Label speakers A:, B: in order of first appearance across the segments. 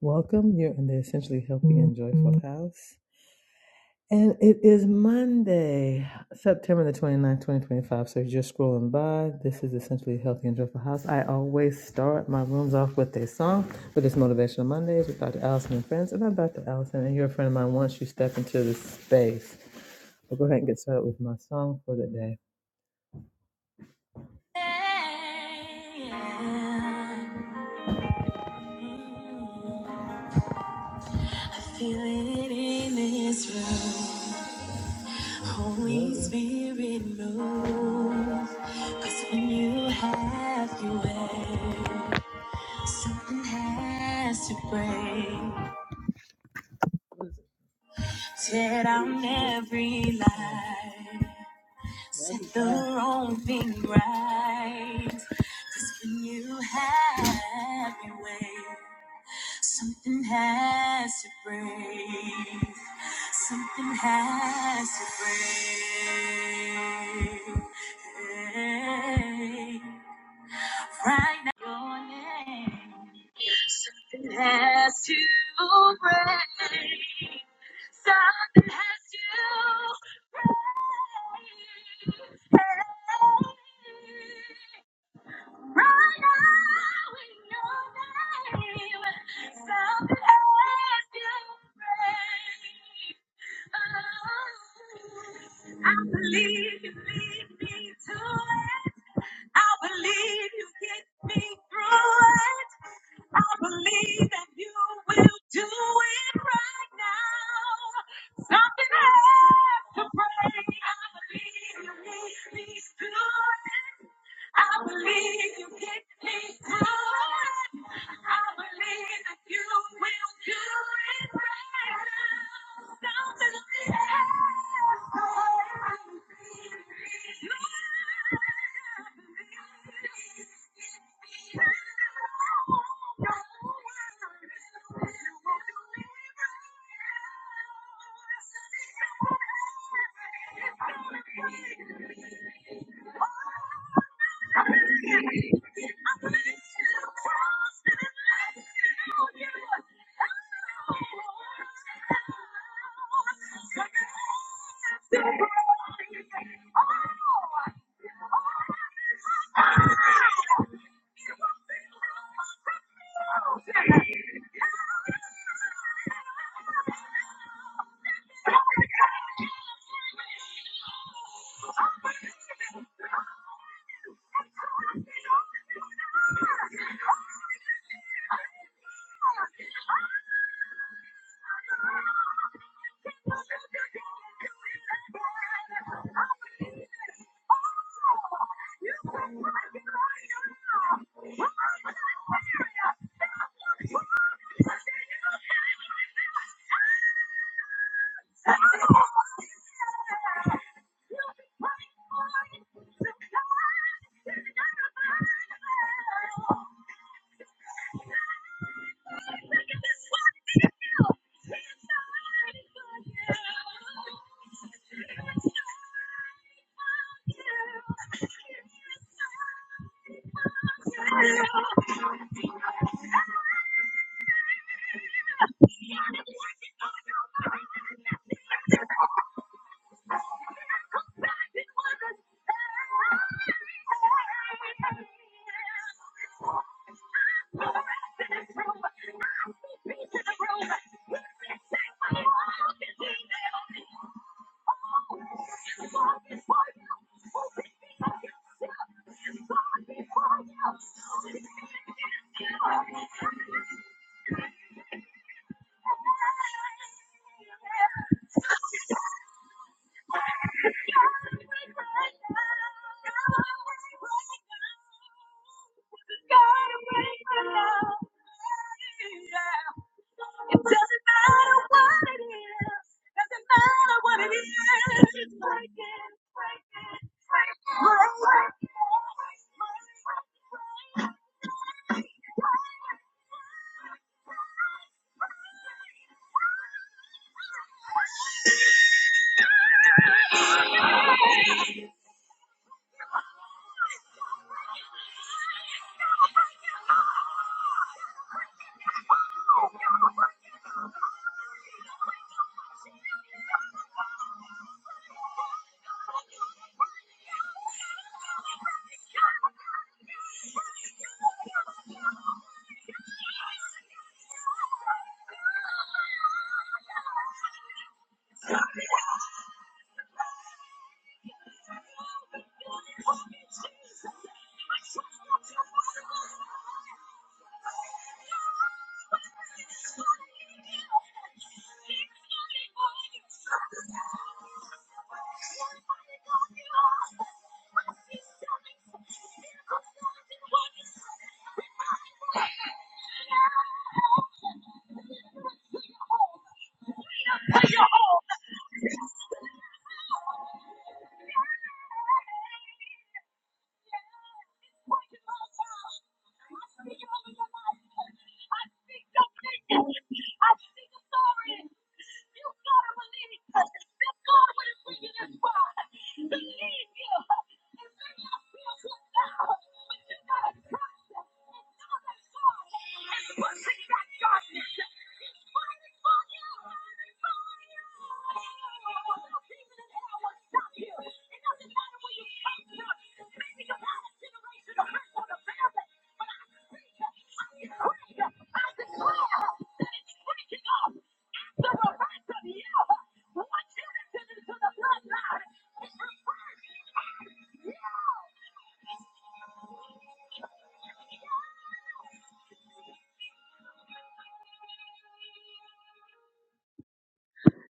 A: Welcome. You're in the Essentially Healthy and Joyful House. And it is Monday, September the twenty-ninth, twenty ninth, 2025. So if you're just scrolling by, this is Essentially Healthy and Joyful House. I always start my rooms off with a song, but it's Motivational Mondays with Dr. Allison and friends. And I'm Dr. Allison, and you're a friend of mine once you step into this space. I'll go ahead and get started with my song for the day. I feel it in this room. Holy Spirit move, cause when you have your way, something has to break. Tear down every lie, set the wrong thing right. Cause when you have your way, Something has to break. Something has to break. Hey, right now, your name. Something has to break. Something has to break. Hey. I believe you lead me to it. I believe you get me through it. I believe that you will do it right now. Something has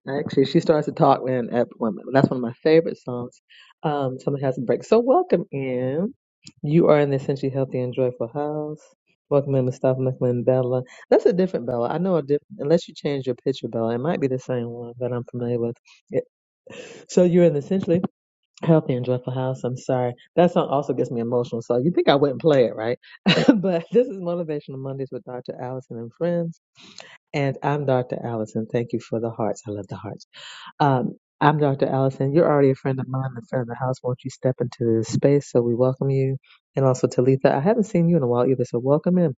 A: Actually, she starts to talk with an app woman. That's one of my favorite songs. Um, somebody has a break. So welcome in. You are in the essentially healthy and joyful house. Welcome in Mustafa, welcome in Bella. That's a different Bella. I know a different. Unless you change your picture, Bella, it might be the same one that I'm familiar with. It, so you're in the essentially healthy and joyful house. I'm sorry. That song also gets me emotional. So you think I wouldn't play it, right? but this is Motivational Mondays with Dr. Allison and friends. And I'm Dr. Allison. Thank you for the hearts. I love the hearts. Um, I'm Dr. Allison. You're already a friend of mine and a friend of the house. Won't you step into this space so we welcome you? And also, Talitha, I haven't seen you in a while either, so welcome in.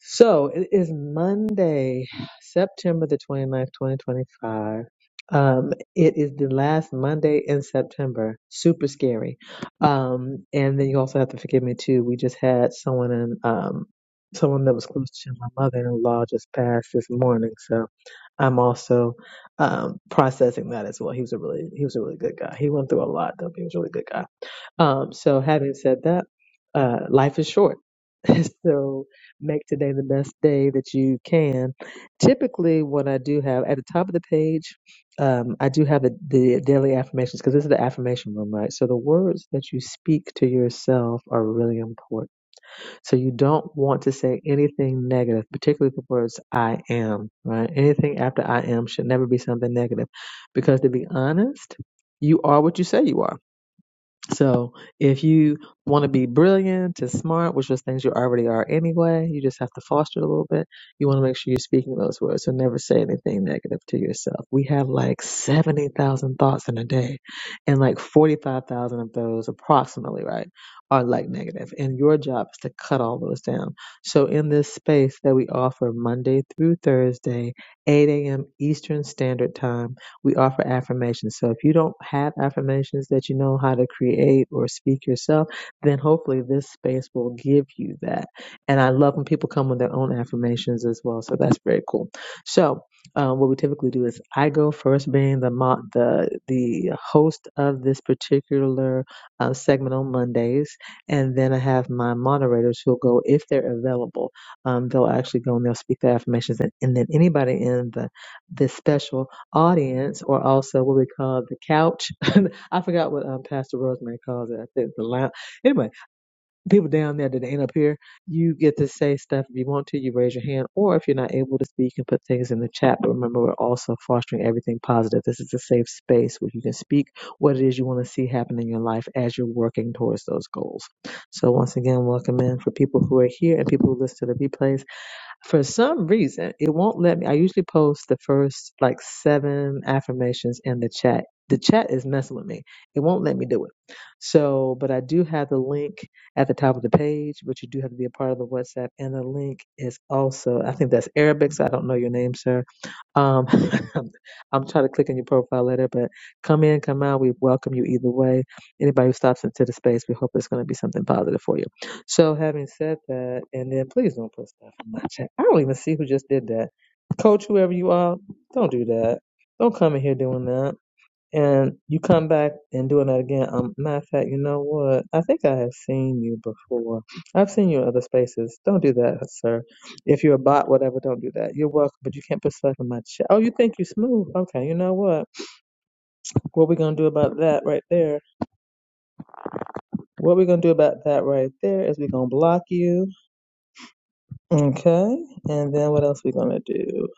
A: So it is Monday, September the twenty-ninth, twenty ninth, 2025. Um, it is the last Monday in September. Super scary. Um, and then you also have to forgive me too. We just had someone in, um, someone that was close to my mother-in-law just passed this morning. So I'm also, um, processing that as well. He was a really, he was a really good guy. He went through a lot though. but He was a really good guy. Um, so having said that, uh, life is short. so make today the best day that you can. Typically, what I do have at the top of the page, um, I do have the, the daily affirmations because this is the affirmation room, right? So the words that you speak to yourself are really important. So you don't want to say anything negative, particularly the words I am, right? Anything after I am should never be something negative because to be honest, you are what you say you are so if you want to be brilliant and smart, which was things you already are anyway, you just have to foster it a little bit. You want to make sure you're speaking those words. So never say anything negative to yourself. We have like 70,000 thoughts in a day and like 45,000 of those approximately, right, are like negative. And your job is to cut all those down. So in this space that we offer Monday through Thursday, 8 a.m. Eastern Standard Time, we offer affirmations. So if you don't have affirmations that you know how to create or speak yourself, then hopefully this space will give you that. And I love when people come with their own affirmations as well. So that's very cool. So uh, what we typically do is I go first, being the mo- the the host of this particular uh, segment on Mondays, and then I have my moderators who'll go if they're available. Um, they'll actually go and they'll speak their affirmations, and, and then anybody in the this special audience, or also what we call the couch. I forgot what um, Pastor Rosemary calls it. I think the lounge. Anyway, people down there that ain't up here, you get to say stuff if you want to. You raise your hand, or if you're not able to speak, you can put things in the chat. But remember, we're also fostering everything positive. This is a safe space where you can speak what it is you want to see happen in your life as you're working towards those goals. So once again, welcome in for people who are here and people who listen to the replays. For some reason, it won't let me. I usually post the first like seven affirmations in the chat. The chat is messing with me. It won't let me do it. So, but I do have the link at the top of the page, but you do have to be a part of the WhatsApp. And the link is also, I think that's Arabic, so I don't know your name, sir. Um, I'm trying to click on your profile letter, but come in, come out. We welcome you either way. Anybody who stops into the space, we hope it's going to be something positive for you. So having said that, and then please don't put stuff in my chat. I don't even see who just did that. Coach, whoever you are, don't do that. Don't come in here doing that. And you come back and doing that again. Um, matter of fact, you know what? I think I have seen you before. I've seen you in other spaces. Don't do that, sir. If you're a bot, whatever, don't do that. You're welcome, but you can't put stuff in my chat. Oh, you think you're smooth? Okay, you know what? What we gonna do about that right there? What we gonna do about that right there is we gonna block you Okay. And then what else we gonna do?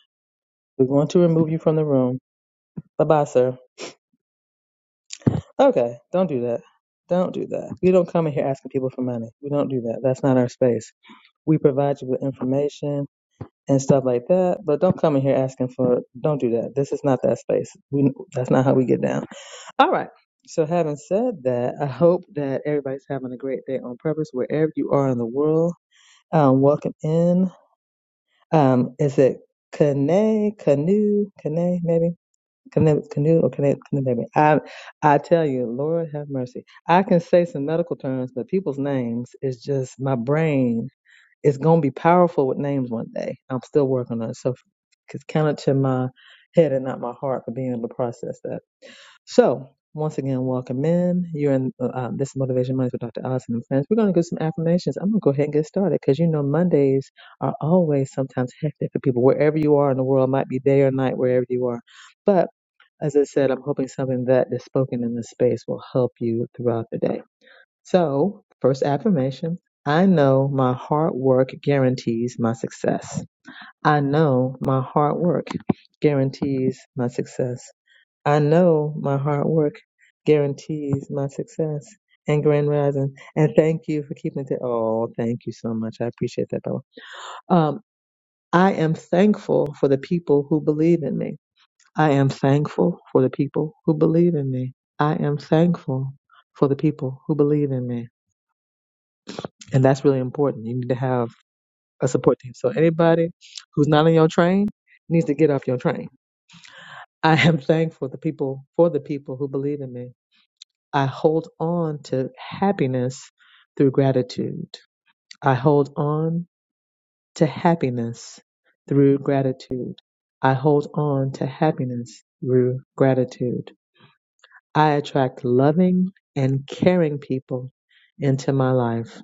A: We're going to remove you from the room. Bye bye, sir. Okay. Don't do that. Don't do that. You don't come in here asking people for money. We don't do that. That's not our space. We provide you with information and stuff like that, but don't come in here asking for. Don't do that. This is not that space. We, that's not how we get down. All right. So having said that, I hope that everybody's having a great day on purpose wherever you are in the world. Um, welcome in. Um, is it Kane, Canoe, Kane, maybe? Canoe, canoe or Kane, Canoe, maybe. I, I tell you, Lord have mercy. I can say some medical terms, but people's names is just my brain. It's going to be powerful with names one day. I'm still working on it. So it's counted to my head and not my heart for being able to process that. So, once again, welcome in. You're in uh, um, this is Motivation Mondays with Dr. Allison and friends. We're going to do some affirmations. I'm going to go ahead and get started because you know Mondays are always sometimes hectic for people wherever you are in the world, might be day or night, wherever you are. But as I said, I'm hoping something that is spoken in this space will help you throughout the day. So, first affirmation I know my hard work guarantees my success. I know my hard work guarantees my success. I know my hard work guarantees my success and grand rising. And thank you for keeping it. Oh, thank you so much. I appreciate that, Bella. Um, I am thankful for the people who believe in me. I am thankful for the people who believe in me. I am thankful for the people who believe in me. And that's really important. You need to have a support team. So anybody who's not on your train needs to get off your train. I am thankful the people for the people who believe in me. I hold on to happiness through gratitude. I hold on to happiness through gratitude. I hold on to happiness through gratitude. I attract loving and caring people into my life.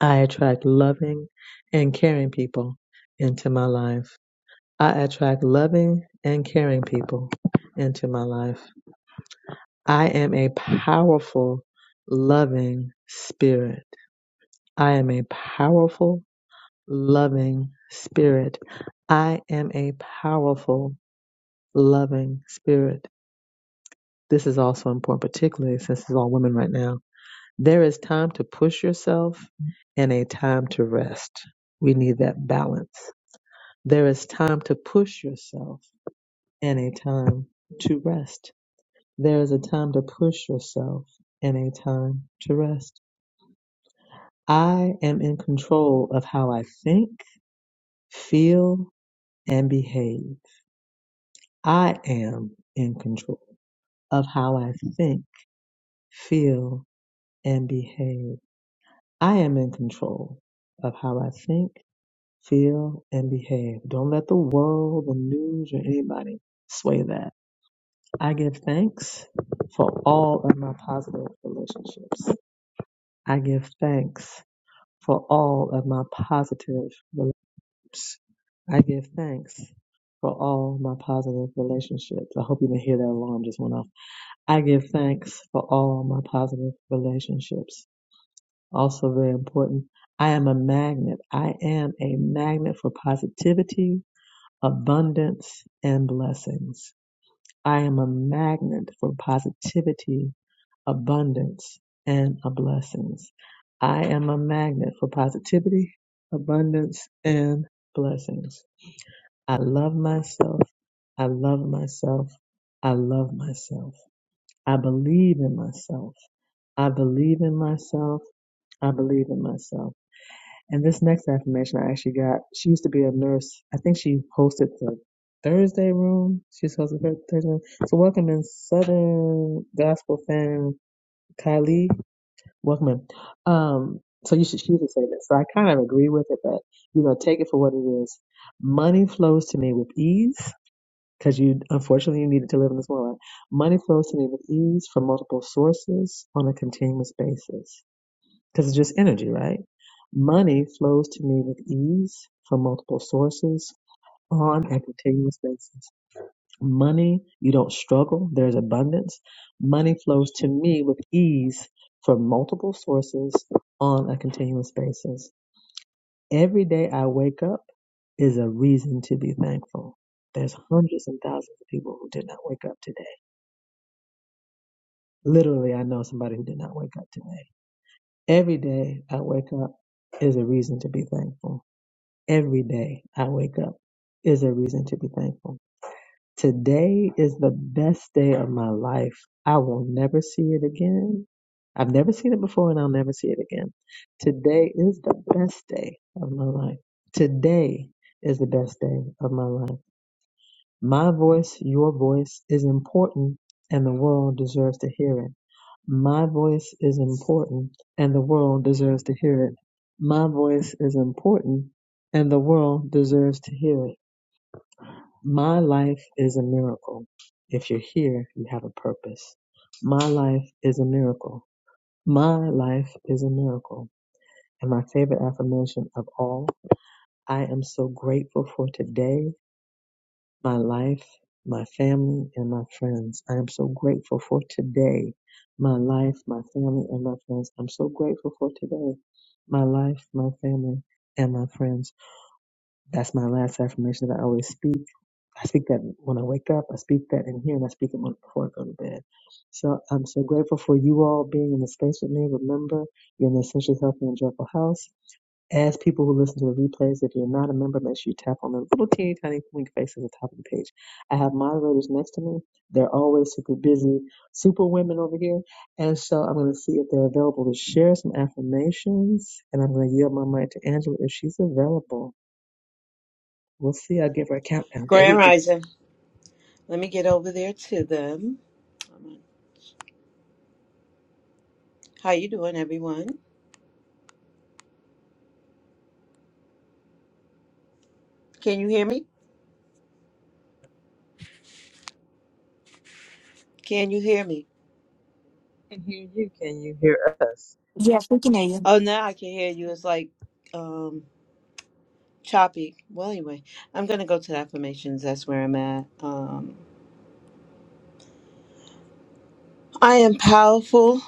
A: I attract loving and caring people into my life. I attract loving and caring people into my life. I am a powerful, loving spirit. I am a powerful, loving spirit. I am a powerful, loving spirit. This is also important, particularly since it's all women right now. There is time to push yourself and a time to rest. We need that balance. There is time to push yourself and a time to rest. There is a time to push yourself and a time to rest. I am in control of how I think, feel, and behave. I am in control of how I think, feel, and behave. I am in control of how I think, feel, and behave. Don't let the world, the news, or anybody sway that. I give thanks for all of my positive relationships. I give thanks for all of my positive relationships. I give thanks for all my positive relationships. I hope you didn't hear that alarm just went off. I give thanks for all my positive relationships. Also very important. I am a magnet. I am a magnet for positivity, abundance, and blessings. I am a magnet for positivity, abundance, and a blessings. I am a magnet for positivity, abundance, and blessings. I love myself. I love myself. I love myself. I believe in myself. I believe in myself. I believe in myself. And this next affirmation I actually got, she used to be a nurse. I think she hosted the Thursday room. She's hosted the Thursday room. So welcome in Southern Gospel fan Kylie. Welcome in. Um, so you should, she used to say this. So I kind of agree with it, but you know, take it for what it is. Money flows to me with ease because you unfortunately you needed to live in this world. Money flows to me with ease from multiple sources on a continuous basis because it's just energy, right? Money flows to me with ease from multiple sources on a continuous basis. Money, you don't struggle. There's abundance. Money flows to me with ease from multiple sources on a continuous basis. Every day I wake up is a reason to be thankful. There's hundreds and thousands of people who did not wake up today Literally, I know somebody who did not wake up today. Every day I wake up is a reason to be thankful. Every day I wake up is a reason to be thankful. Today is the best day of my life. I will never see it again. I've never seen it before and I'll never see it again. Today is the best day of my life. Today is the best day of my life. My voice, your voice is important and the world deserves to hear it. My voice is important and the world deserves to hear it. My voice is important and the world deserves to hear it. My life is a miracle. If you're here, you have a purpose. My life is a miracle. My life is a miracle. And my favorite affirmation of all, I am so grateful for today. my life, my family, and my friends. I am so grateful for today. My life, my family, and my friends. I'm so grateful for today. My life, my family, and my friends. That's my last affirmation that I always speak. I speak that when I wake up, I speak that in here, and I speak it when- before I go to bed. So I'm so grateful for you all being in the space with me. Remember, you're in the Essentially Healthy and Joyful House. As people who listen to the replays, if you're not a member, make sure you tap on the little teeny tiny link face at the top of the page. I have moderators next to me. They're always super busy, super women over here. And so I'm going to see if they're available to share some affirmations. And I'm going to yield my mic to Angela if she's available. We'll see. I'll give her a countdown. There
B: Grand
A: you go.
B: Rising. Let me get over there to them. How you doing, everyone? Can you hear me? Can you hear me?
A: can hear you. Can you hear us?
C: Yes, we can hear you.
B: Oh, now I can hear you. It's like um choppy. Well, anyway, I'm gonna go to the affirmations. That's where I'm at. Um, I am powerful,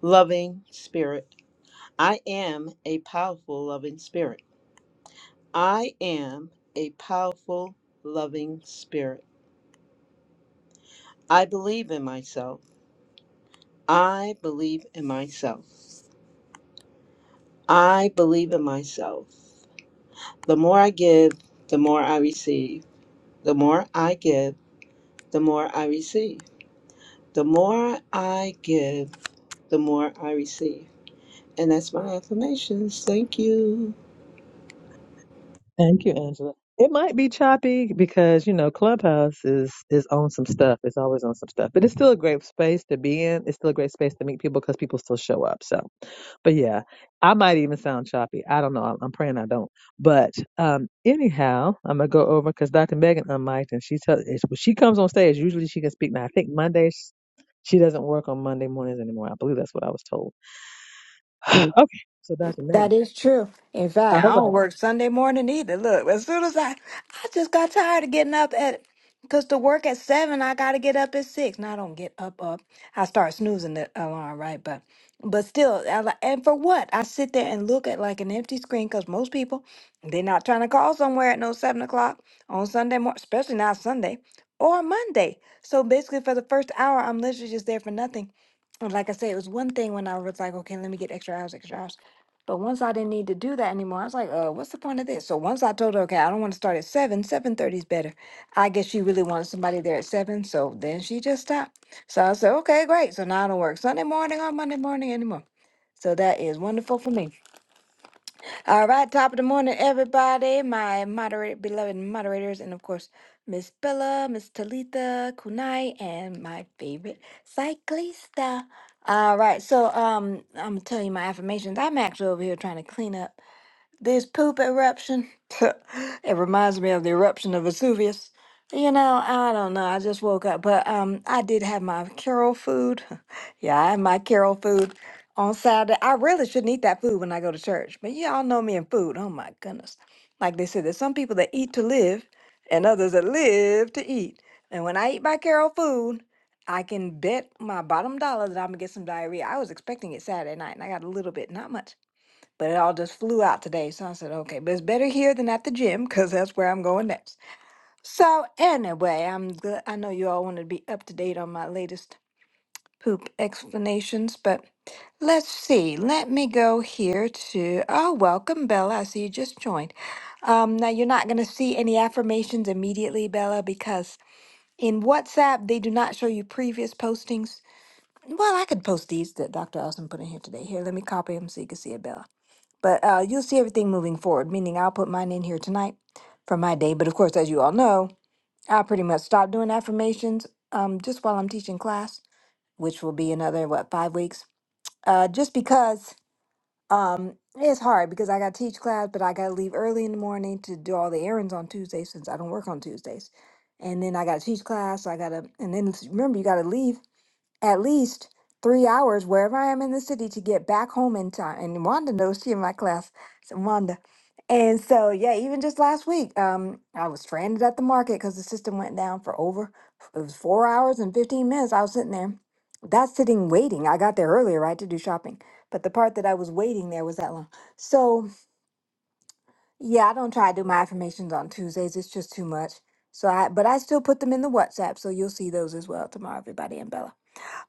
B: loving spirit. I am a powerful, loving spirit. I am a powerful, loving spirit. I believe in myself. I believe in myself. I believe in myself. The more I give, the more I receive. The more I give, the more I receive. The more I give, the more I receive. And that's my affirmations. Thank you.
A: Thank you, Angela. It might be choppy because, you know, Clubhouse is is on some stuff. It's always on some stuff. But it's still a great space to be in. It's still a great space to meet people because people still show up. So, but yeah, I might even sound choppy. I don't know. I'm, I'm praying I don't. But um anyhow, I'm going to go over because Dr. Megan unmiked and she tells when she comes on stage, usually she can speak now. I think Mondays she doesn't work on Monday mornings anymore. I believe that's what I was told. okay. So Dr. Megan.
C: That is true. In
A: All
C: fact,
A: right.
C: I don't work Sunday morning either. Look, as soon as I, I just got tired of getting up at, cause to work at seven, I gotta get up at six. Now I don't get up up. I start snoozing the alarm, right? But, but still, I, li- and for what? I sit there and look at like an empty screen, cause most people, they're not trying to call somewhere at no seven o'clock on Sunday morning, especially not Sunday or Monday. So basically, for the first hour, I'm literally just there for nothing. And Like I said, it was one thing when I was like, okay, let me get extra hours, extra hours. But once I didn't need to do that anymore, I was like, uh, what's the point of this? So once I told her, okay, I don't want to start at seven, seven thirty is better. I guess she really wanted somebody there at seven, so then she just stopped. So I said, okay, great. So now I don't work Sunday morning or Monday morning anymore. So that is wonderful for me. All right, top of the morning, everybody. My moderator, beloved moderators, and of course, Miss Bella, Miss Talitha, Kunai, and my favorite cyclista. All right, so um, I'm gonna tell you my affirmations. I'm actually over here trying to clean up. This poop eruption, it reminds me of the eruption of Vesuvius. You know, I don't know. I just woke up, but um, I did have my Carol food. Yeah, I had my Carol food on Saturday. I really shouldn't eat that food when I go to church, but yeah, y'all know me and food. Oh my goodness! Like they said, there's some people that eat to live, and others that live to eat. And when I eat my Carol food, I can bet my bottom dollar that I'm gonna get some diarrhea. I was expecting it Saturday night, and I got a little bit, not much but it all just flew out today. So I said, okay, but it's better here than at the gym because that's where I'm going next. So anyway, I'm good. I know you all want to be up to date on my latest poop explanations, but let's see. Let me go here to oh, welcome, Bella. I see you just joined. Um, now you're not going to see any affirmations immediately, Bella, because in WhatsApp they do not show you previous postings. Well, I could post these that Dr. Austin put in here today. Here, let me copy them so you can see it, Bella. But uh, you'll see everything moving forward, meaning I'll put mine in here tonight for my day. But of course, as you all know, I pretty much stopped doing affirmations um, just while I'm teaching class, which will be another, what, five weeks? Uh, just because um, it's hard because I got to teach class, but I got to leave early in the morning to do all the errands on Tuesdays since I don't work on Tuesdays. And then I got to teach class. So I got to, and then s- remember, you got to leave at least three hours wherever I am in the city to get back home in time. And Wanda knows she in my class. So Wanda. And so yeah, even just last week, um, I was stranded at the market because the system went down for over it was four hours and fifteen minutes. I was sitting there. That's sitting waiting. I got there earlier, right, to do shopping. But the part that I was waiting there was that long. So yeah, I don't try to do my affirmations on Tuesdays. It's just too much. So I but I still put them in the WhatsApp, so you'll see those as well tomorrow, everybody and Bella.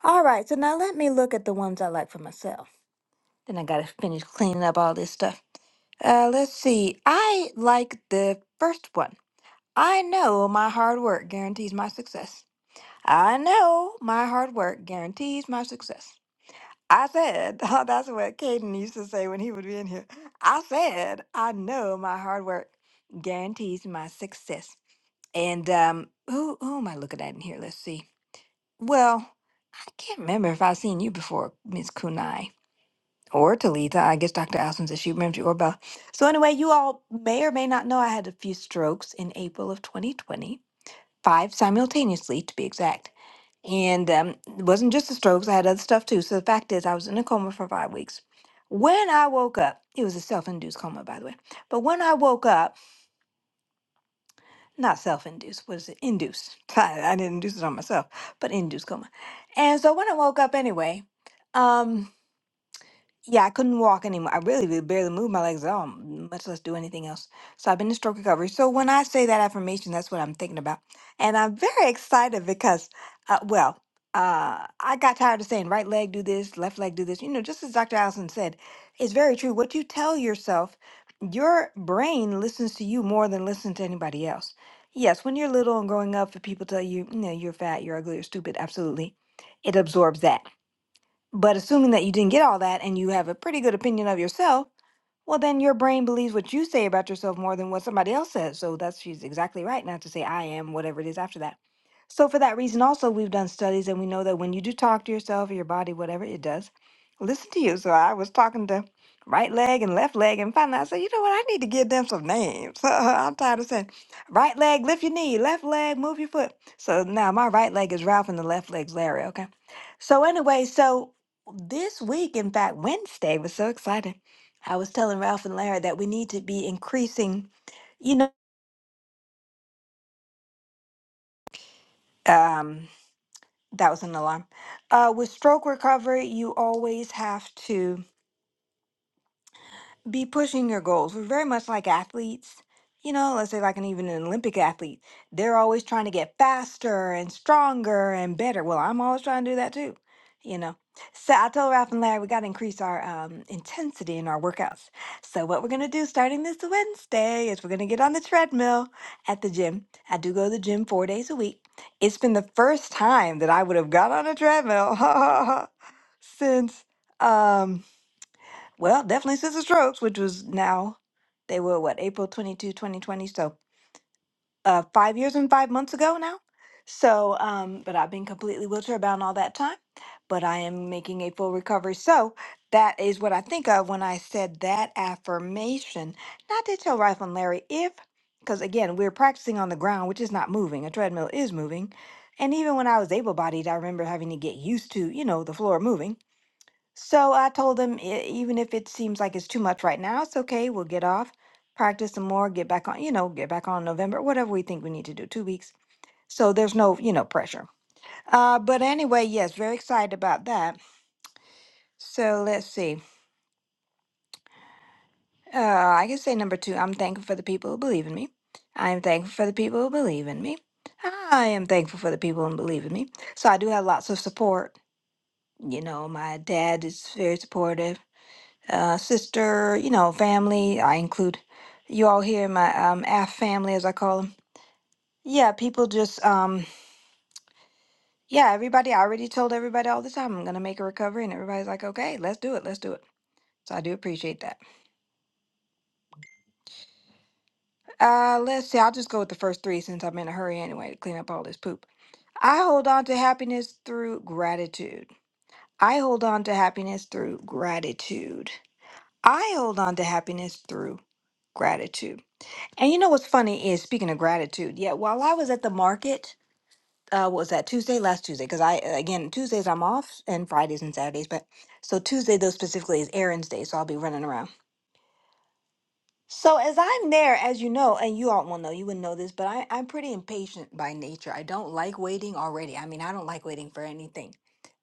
C: All right, so now let me look at the ones I like for myself. Then I gotta finish cleaning up all this stuff. Uh, let's see. I like the first one. I know my hard work guarantees my success. I know my hard work guarantees my success. I said, oh, that's what Caden used to say when he would be in here. I said, I know my hard work guarantees my success. And um, who who am I looking at in here? Let's see. Well, I can't remember if I've seen you before, Miss Kunai, or Talitha. I guess Dr. Allison says she remembers you, or Bella. So, anyway, you all may or may not know I had a few strokes in April of 2020, five simultaneously to be exact. And um, it wasn't just the strokes, I had other stuff too. So, the fact is, I was in a coma for five weeks. When I woke up, it was a self induced coma, by the way. But when I woke up, not self-induced. What Was it? Induced. I, I didn't induce it on myself, but induced coma. And so when I woke up anyway, um, yeah, I couldn't walk anymore. I really, really barely moved my legs at all, m- much less do anything else. So I've been in stroke recovery. So when I say that affirmation, that's what I'm thinking about. And I'm very excited because, uh, well, uh, I got tired of saying right leg do this, left leg do this. You know, just as Dr. Allison said, it's very true. What you tell yourself, your brain listens to you more than listens to anybody else. Yes, when you're little and growing up, if people tell you, you know, you're fat, you're ugly, you're stupid, absolutely. It absorbs that. But assuming that you didn't get all that and you have a pretty good opinion of yourself, well, then your brain believes what you say about yourself more than what somebody else says. So that's she's exactly right not to say I am, whatever it is after that. So for that reason, also we've done studies and we know that when you do talk to yourself or your body, whatever it does, listen to you. So I was talking to right leg and left leg and finally I said, you know what, I need to give them some names. I'm tired of saying right leg, lift your knee, left leg, move your foot. So now my right leg is Ralph and the left leg's Larry, okay? So anyway, so this week, in fact, Wednesday was so exciting I was telling Ralph and Larry that we need to be increasing, you know, um, that was an alarm. Uh, with stroke recovery, you always have to. be pushing your goals. We're very much like athletes. You know, let's say like an even an Olympic athlete. They're always trying to get faster and stronger and better. Well, I'm always trying to do that too. You know. So I told Ralph and Larry we got to increase our um, intensity in our workouts. So what we're gonna do starting this Wednesday is we're gonna get on the treadmill at the gym. I do go to the gym four days a week. It's been the first time that I would have got on a treadmill since. Um, well, definitely since the strokes, which was now, they were what, April 22, 2020. So uh, five years and five months ago now. So, um, but I've been completely wheelchair bound all that time, but I am making a full recovery. So that is what I think of when I said that affirmation. Now, I did tell Rifle and Larry if, because again, we're practicing on the ground, which is not moving. A treadmill is moving. And even when I was able bodied, I remember having to get used to, you know, the floor moving. So I told him, "E- even if it seems like it's too much right now, it's okay. We'll get off, practice some more, get back on, you know, get back on November, whatever we think we need to do, two weeks. So there's no, you know, pressure. Uh, but anyway, yes, very excited about that. So let's see. Uh, I can say number two, I'm thankful for the people who believe in me. I am thankful for the people who believe in me. I am thankful for the people who believe in me. So I do have lots of support. You know, my dad is very supportive uh, sister, you know, family. I include you all here in my um, AF family, as I call them. Yeah, people just, um, yeah, everybody. I already told everybody all the time I'm gonna make a recovery, and everybody's like, okay, let's do it, let's do it. So I do appreciate that. Uh, let's see. I'll just go with the first three since I'm in a hurry anyway to clean up all this poop. I hold on to happiness through gratitude. I hold on to happiness through gratitude. I hold on to happiness through gratitude. And you know what's funny is speaking of gratitude. Yeah, while I was at the market, uh, what was that Tuesday? Last Tuesday, because I uh, again Tuesdays I'm off and Fridays and Saturdays, but so Tuesday though specifically is errands day, so I'll be running around. So as I'm there, as you know, and you all will know, you wouldn't know this, but I, I'm pretty impatient by nature. I don't like waiting already. I mean, I don't like waiting for anything.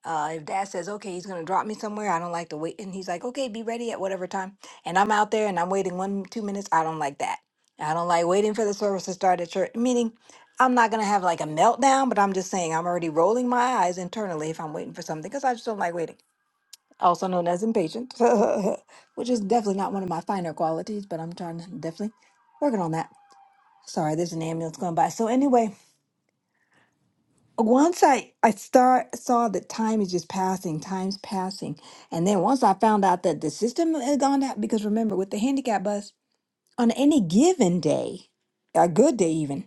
C: Uh, if dad says, okay, he's going to drop me somewhere, I don't like to wait. And he's like, okay, be ready at whatever time. And I'm out there and I'm waiting one, two minutes. I don't like that. I don't like waiting for the service to start at church. Meaning, I'm not going to have like a meltdown, but I'm just saying I'm already rolling my eyes internally if I'm waiting for something because I just don't like waiting also known as impatient, which is definitely not one of my finer qualities, but I'm trying to definitely working on that. Sorry, there's an ambulance going by. So anyway, once I I start saw that time is just passing, time's passing, and then once I found out that the system had gone out because remember with the handicap bus on any given day, a good day even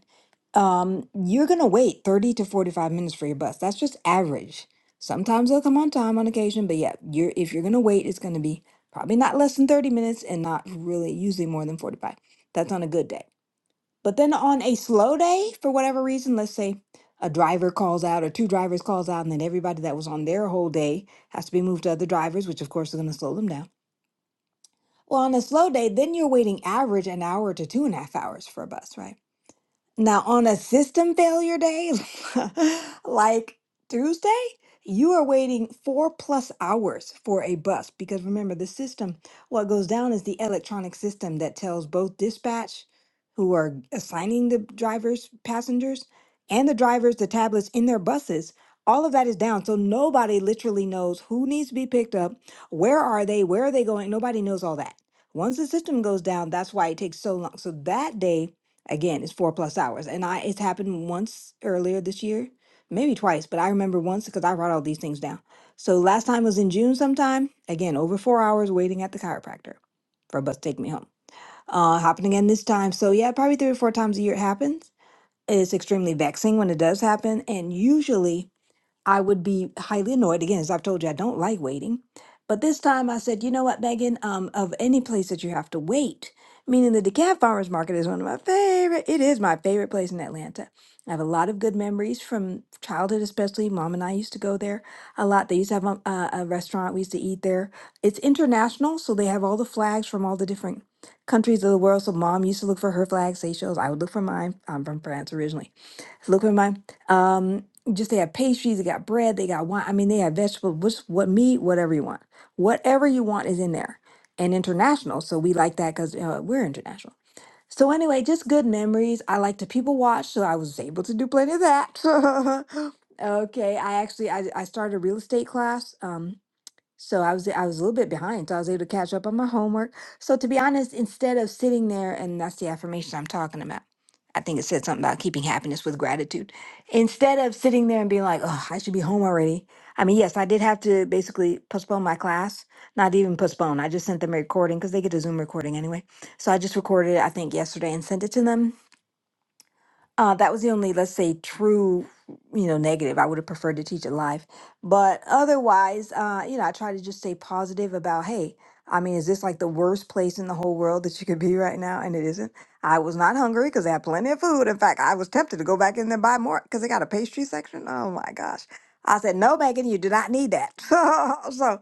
C: um, you're going to wait 30 to 45 minutes for your bus. That's just average. Sometimes they'll come on time on occasion, but yeah, you're if you're going to wait, it's going to be probably not less than 30 minutes and not really usually more than 45. That's on a good day. But then on a slow day, for whatever reason, let's say a driver calls out or two drivers calls out and then everybody that was on their whole day has to be moved to other drivers, which of course is going to slow them down. Well, on a slow day, then you're waiting average an hour to two and a half hours for a bus, right? Now, on a system failure day like Tuesday, you are waiting four plus hours for a bus because remember, the system, what goes down is the electronic system that tells both dispatch, who are assigning the drivers, passengers, and the drivers the tablets in their buses. All of that is down. So nobody literally knows who needs to be picked up, where are they, where are they going. Nobody knows all that. Once the system goes down, that's why it takes so long. So that day, Again, it's four plus hours. And I it's happened once earlier this year, maybe twice, but I remember once because I write all these things down. So last time was in June sometime. Again, over four hours waiting at the chiropractor for a bus to take me home. Uh happening again this time. So yeah, probably three or four times a year it happens. It's extremely vexing when it does happen. And usually I would be highly annoyed. Again, as I've told you, I don't like waiting. But this time I said, you know what, Megan, um, of any place that you have to wait, meaning the DeKalb Farmers Market is one of my favorite, it is my favorite place in Atlanta. I have a lot of good memories from childhood, especially. Mom and I used to go there a lot. They used to have a, a, a restaurant we used to eat there. It's international, so they have all the flags from all the different countries of the world. So mom used to look for her flag, Seychelles. I would look for mine. I'm from France originally. Look at my um just they have pastries, they got bread, they got wine. I mean, they have vegetables, what's what meat, whatever you want. Whatever you want is in there. And international, so we like that because uh, we're international. So anyway, just good memories. I like to people watch, so I was able to do plenty of that. okay, I actually I, I started a real estate class. Um, so I was I was a little bit behind, so I was able to catch up on my homework. So to be honest, instead of sitting there, and that's the affirmation I'm talking about. I think it said something about keeping happiness with gratitude. Instead of sitting there and being like, "Oh, I should be home already." I mean, yes, I did have to basically postpone my class. Not even postpone. I just sent them a recording because they get a Zoom recording anyway. So I just recorded it, I think, yesterday and sent it to them uh, that was the only, let's say, true, you know, negative. I would have preferred to teach it live. But otherwise, uh, you know, I try to just stay positive about, hey, I mean, is this like the worst place in the whole world that you could be right now? And it isn't. I was not hungry because I had plenty of food. In fact, I was tempted to go back in there and buy more because they got a pastry section. Oh my gosh. I said, no, Megan, you do not need that. so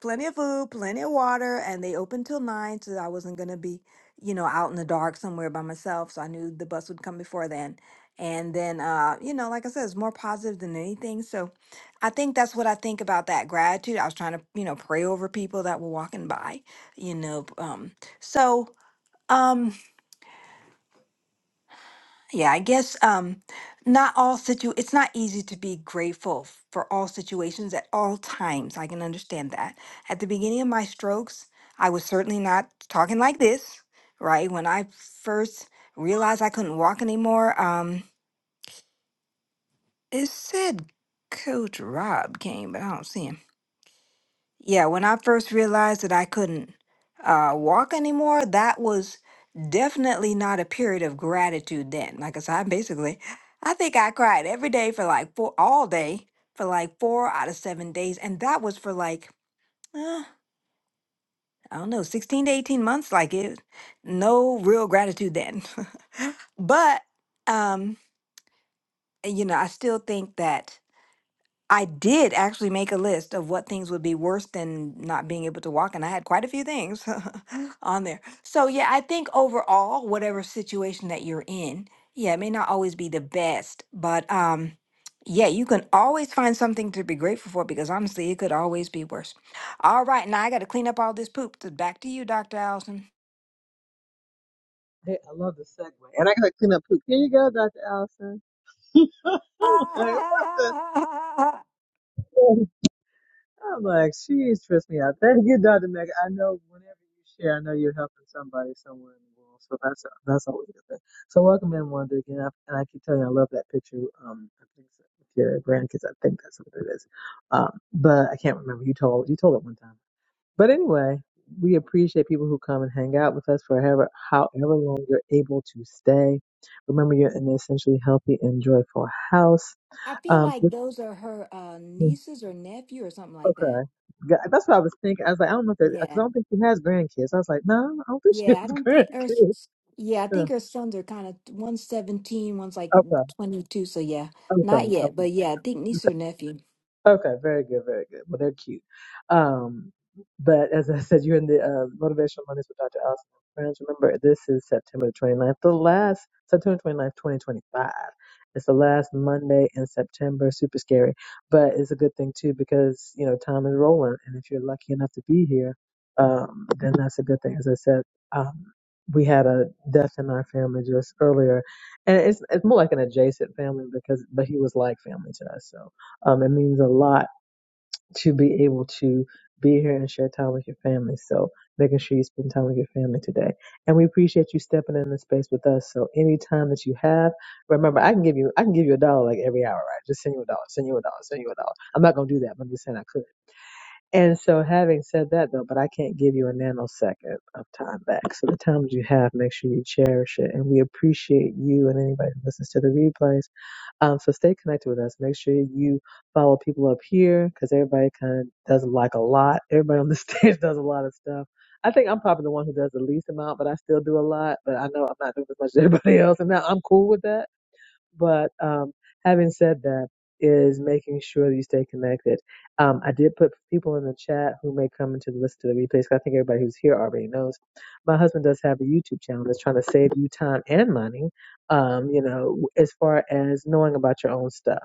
C: plenty of food, plenty of water, and they opened till nine, so I wasn't going to be you know, out in the dark somewhere by myself. So I knew the bus would come before then and then uh you know like i said it's more positive than anything so i think that's what i think about that gratitude i was trying to you know pray over people that were walking by you know um so um yeah i guess um not all situ it's not easy to be grateful f- for all situations at all times i can understand that at the beginning of my strokes i was certainly not talking like this right when i first realized i couldn't walk anymore um It said Coach Rob came, but I don't see him. Yeah, when I first realized that I couldn't uh, walk anymore, that was definitely not a period of gratitude then. Like I said, I basically, I think I cried every day for like four, all day for like four out of seven days. And that was for like, uh, I don't know, 16 to 18 months. Like it, no real gratitude then. but, um, you know, I still think that. I did actually make a list of what things would be worse than not being able to walk, and I had quite a few things on there. So, yeah, I think overall, whatever situation that you're in, yeah, it may not always be the best, but um, yeah, you can always find something to be grateful for because honestly, it could always be worse. All right, now I got to clean up all this poop. So back to you, Dr. Allison.
A: Hey, I love the segue. And I gotta clean up poop. Here you go, Dr. Allison. I'm like, what the?
C: I
A: I'm like, she's stressed me out. Thank you, Dr. Meg. I know whenever you share, I know you're helping somebody somewhere in the world. So that's that's always a good thing. So welcome in, Wanda. Again, I, and I keep telling you, I love that picture. Um, I think it's with your grandkids. I think that's what it is. Um, but I can't remember. You told you told it one time. But anyway, we appreciate people who come and hang out with us for however, however long you're able to stay. Remember, you're in an essentially healthy and joyful house.
C: feel
A: Um,
C: like
A: this-
C: those are her uh, nieces or nephew or something like that.
A: okay. Got- That's what I was thinking. I was like, I don't know if that,
C: Yeah.
A: because I don't think she has grandkids. I was like, no, I don't think she has
C: Yeah, I don't think her.
A: grandkids.
C: Yeah, I
A: Yeah.
C: think her sons are kind of one's seventeen, one's like
A: Okay.
C: twenty two. So yeah,
A: I'm
C: not
A: sorry.
C: yet, but
A: Okay.
C: yeah, I think niece or nephew.
A: Okay, very good, very good. Well, they're cute. Um, but as I said, you're in the uh, Motivational Mondays with Dr. Allison and friends. Remember, this is September 29th, the last, September 29th, 2025. It's the last Monday in September. Super scary, but it's a good thing too because, you know, time is rolling. And if you're lucky enough to be here, um, then that's a good thing. As I said, um, we had a death in our family just earlier, and it's it's more like an adjacent family because, but he was like family to us. So um, it means a lot to be able to be here and share time with your family. So making sure you spend time with your family today. And we appreciate you stepping in the space with us. So any time that you have, remember I can give you I can give you a dollar like every hour, right? Just send you a dollar, send you a dollar, send you a dollar. I'm not gonna do that, but I'm just saying I could. And so having said that though, but I can't give you a nanosecond of time back. So the time that you have, make sure you cherish it. And we appreciate you and anybody who listens to the replays. Um, so stay connected with us. Make sure you follow people up here because everybody kind of does like a lot. Everybody on the stage does a lot of stuff. I think I'm probably the one who does the least amount, but I still do a lot. But I know I'm not doing as much as everybody else, and now I'm cool with that but um, having said that, is making sure that you stay connected. Um, I did put people in the chat who may come into the listen to the replays. 'cause I think everybody who's here already knows. My husband does have a YouTube channel that's trying to save you time and money. Um, you know, as far as knowing about your own stuff.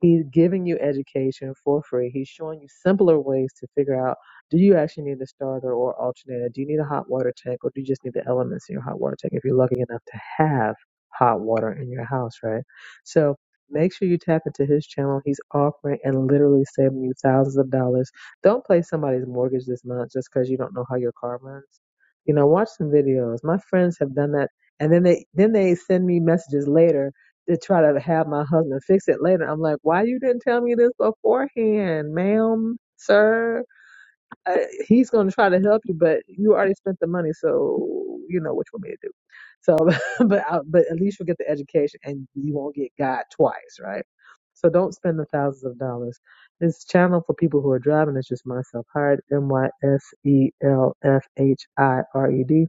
A: He's giving you education for free. He's showing you simpler ways to figure out do you actually need a starter or alternator? Do you need a hot water tank or do you just need the elements in your hot water tank if you're lucky enough to have hot water in your house, right? So make sure you tap into his channel. He's offering and literally saving you thousands of dollars. Don't play somebody's mortgage this month just because you don't know how your car runs. You know, watch some videos. My friends have done that and then they then they send me messages later to try to have my husband fix it later. I'm like, why you didn't tell me this beforehand, ma'am, sir? Uh, he's going to try to help you, but you already spent the money, so you know what you want me to do. So, but I, but at least you'll get the education, and you won't get God twice, right? So don't spend the thousands of dollars. This channel for people who are driving is just myself hired. M Y S E L F H I R E D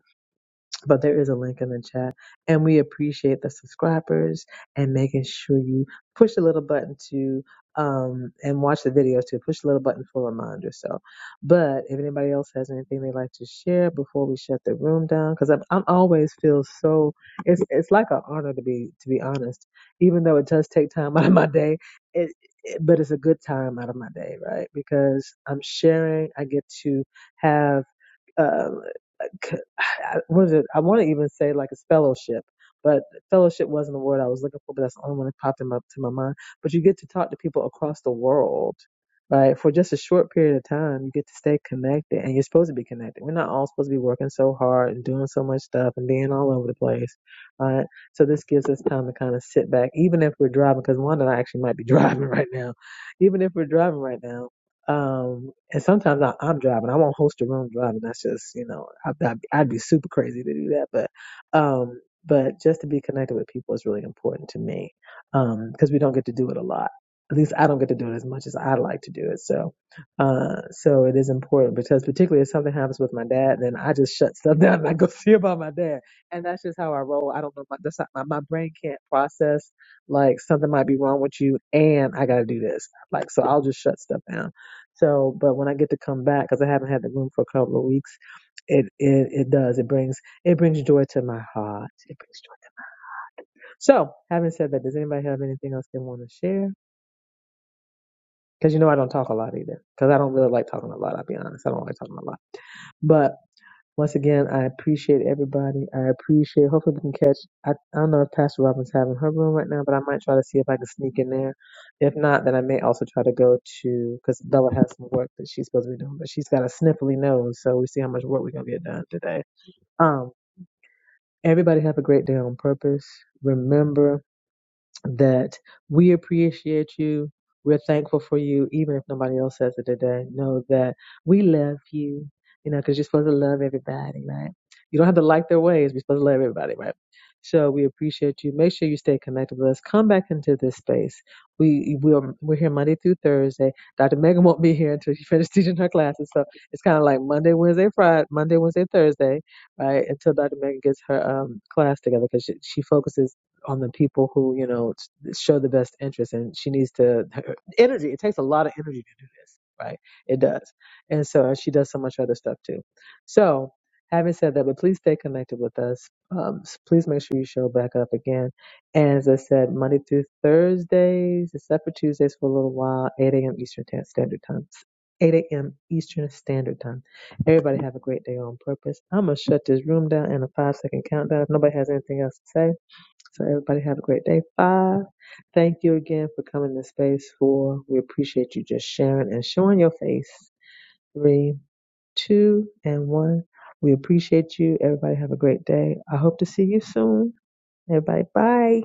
A: but there is a link in the chat. And we appreciate the subscribers and making sure you push the little button to um and watch the videos too. Push the little button for reminders. So, but if anybody else has anything they'd like to share before we shut the room down, because I'm I'm always feel so it's it's like an honor to be to be honest, even though it does take time out of my day. It, it, but it's a good time out of my day, right? Because I'm sharing. I get to have. um, c- I- what is it? I want to even say like a fellowship, but fellowship wasn't the word I was looking for, but that's the only one that popped in my, to my mind. But you get to talk to people across the world, right? For just a short period of time, you get to stay connected and you're supposed to be connected. We're not all supposed to be working so hard and doing so much stuff and being all over the place, right? So this gives us time to kind of sit back, even if we're driving, because Wanda and I actually might be driving right now. Even if we're driving right now, um, and sometimes I, I'm driving. I won't host a room driving. That's just, you know, I, I'd, I'd be super crazy to do that. But, um, but just to be connected with people is really important to me. Um, because we don't get to do it a lot. At least I don't get to do it as much as i like to do it. So, uh, so it is important because particularly if something happens with my dad, then I just shut stuff down and I go see about my dad. And that's just how I roll. I don't know. My, that's not, my, my brain can't process like something might be wrong with you and I got to do this. Like, so I'll just shut stuff down so, but when I get to come back, because I haven't had the room for a couple of weeks, it, it it does. It brings it brings joy to my heart. It brings joy. So, having said that, does anybody have anything else they want to share? Because you know I don't talk a lot either. Because I don't really like talking a lot. I'll be honest. I don't like talking a lot. But. Once again, I appreciate everybody. I appreciate. Hopefully, we can catch. I, I don't know if Pastor Robin's having her room right now, but I might try to see if I can sneak in there. If not, then I may also try to go to because Bella has some work that she's supposed to be doing, but she's got a sniffly nose, so we see how much work we're gonna get done today. Um, everybody have a great day on purpose. Remember that we appreciate you. We're thankful for you, even if nobody else says it today. Know that we love you, you know, because you're supposed to love everybody, right? You don't have to like their ways. We're supposed to love everybody, right? So we appreciate you. Make sure you stay connected with us. Come back into this space. We we're, we're here Monday through Thursday. Dr. Megan won't be here until she finishes teaching her classes. So it's kind of like Monday, Wednesday, Friday, Monday, Wednesday, Thursday, right? Until Dr. Megan gets her um, class together because she, she focuses on the people who you know show the best interest and she needs to her energy it takes a lot of energy to do this right it does and so and she does so much other stuff too so having said that but please stay connected with us um, s- please make sure you show back up again and as i said monday through thursdays except for tuesdays for a little while 8 a.m eastern Tan- standard time 8 a.m. Eastern Standard Time. Everybody have a great day on purpose. I'm going to shut this room down in a five second countdown. If nobody has anything else to say, so everybody have a great day. Bye. Thank you again for coming to space. Four. We appreciate you just sharing and showing your face. Three, two, and one. We appreciate you. Everybody have a great day. I hope to see you soon. Everybody, bye.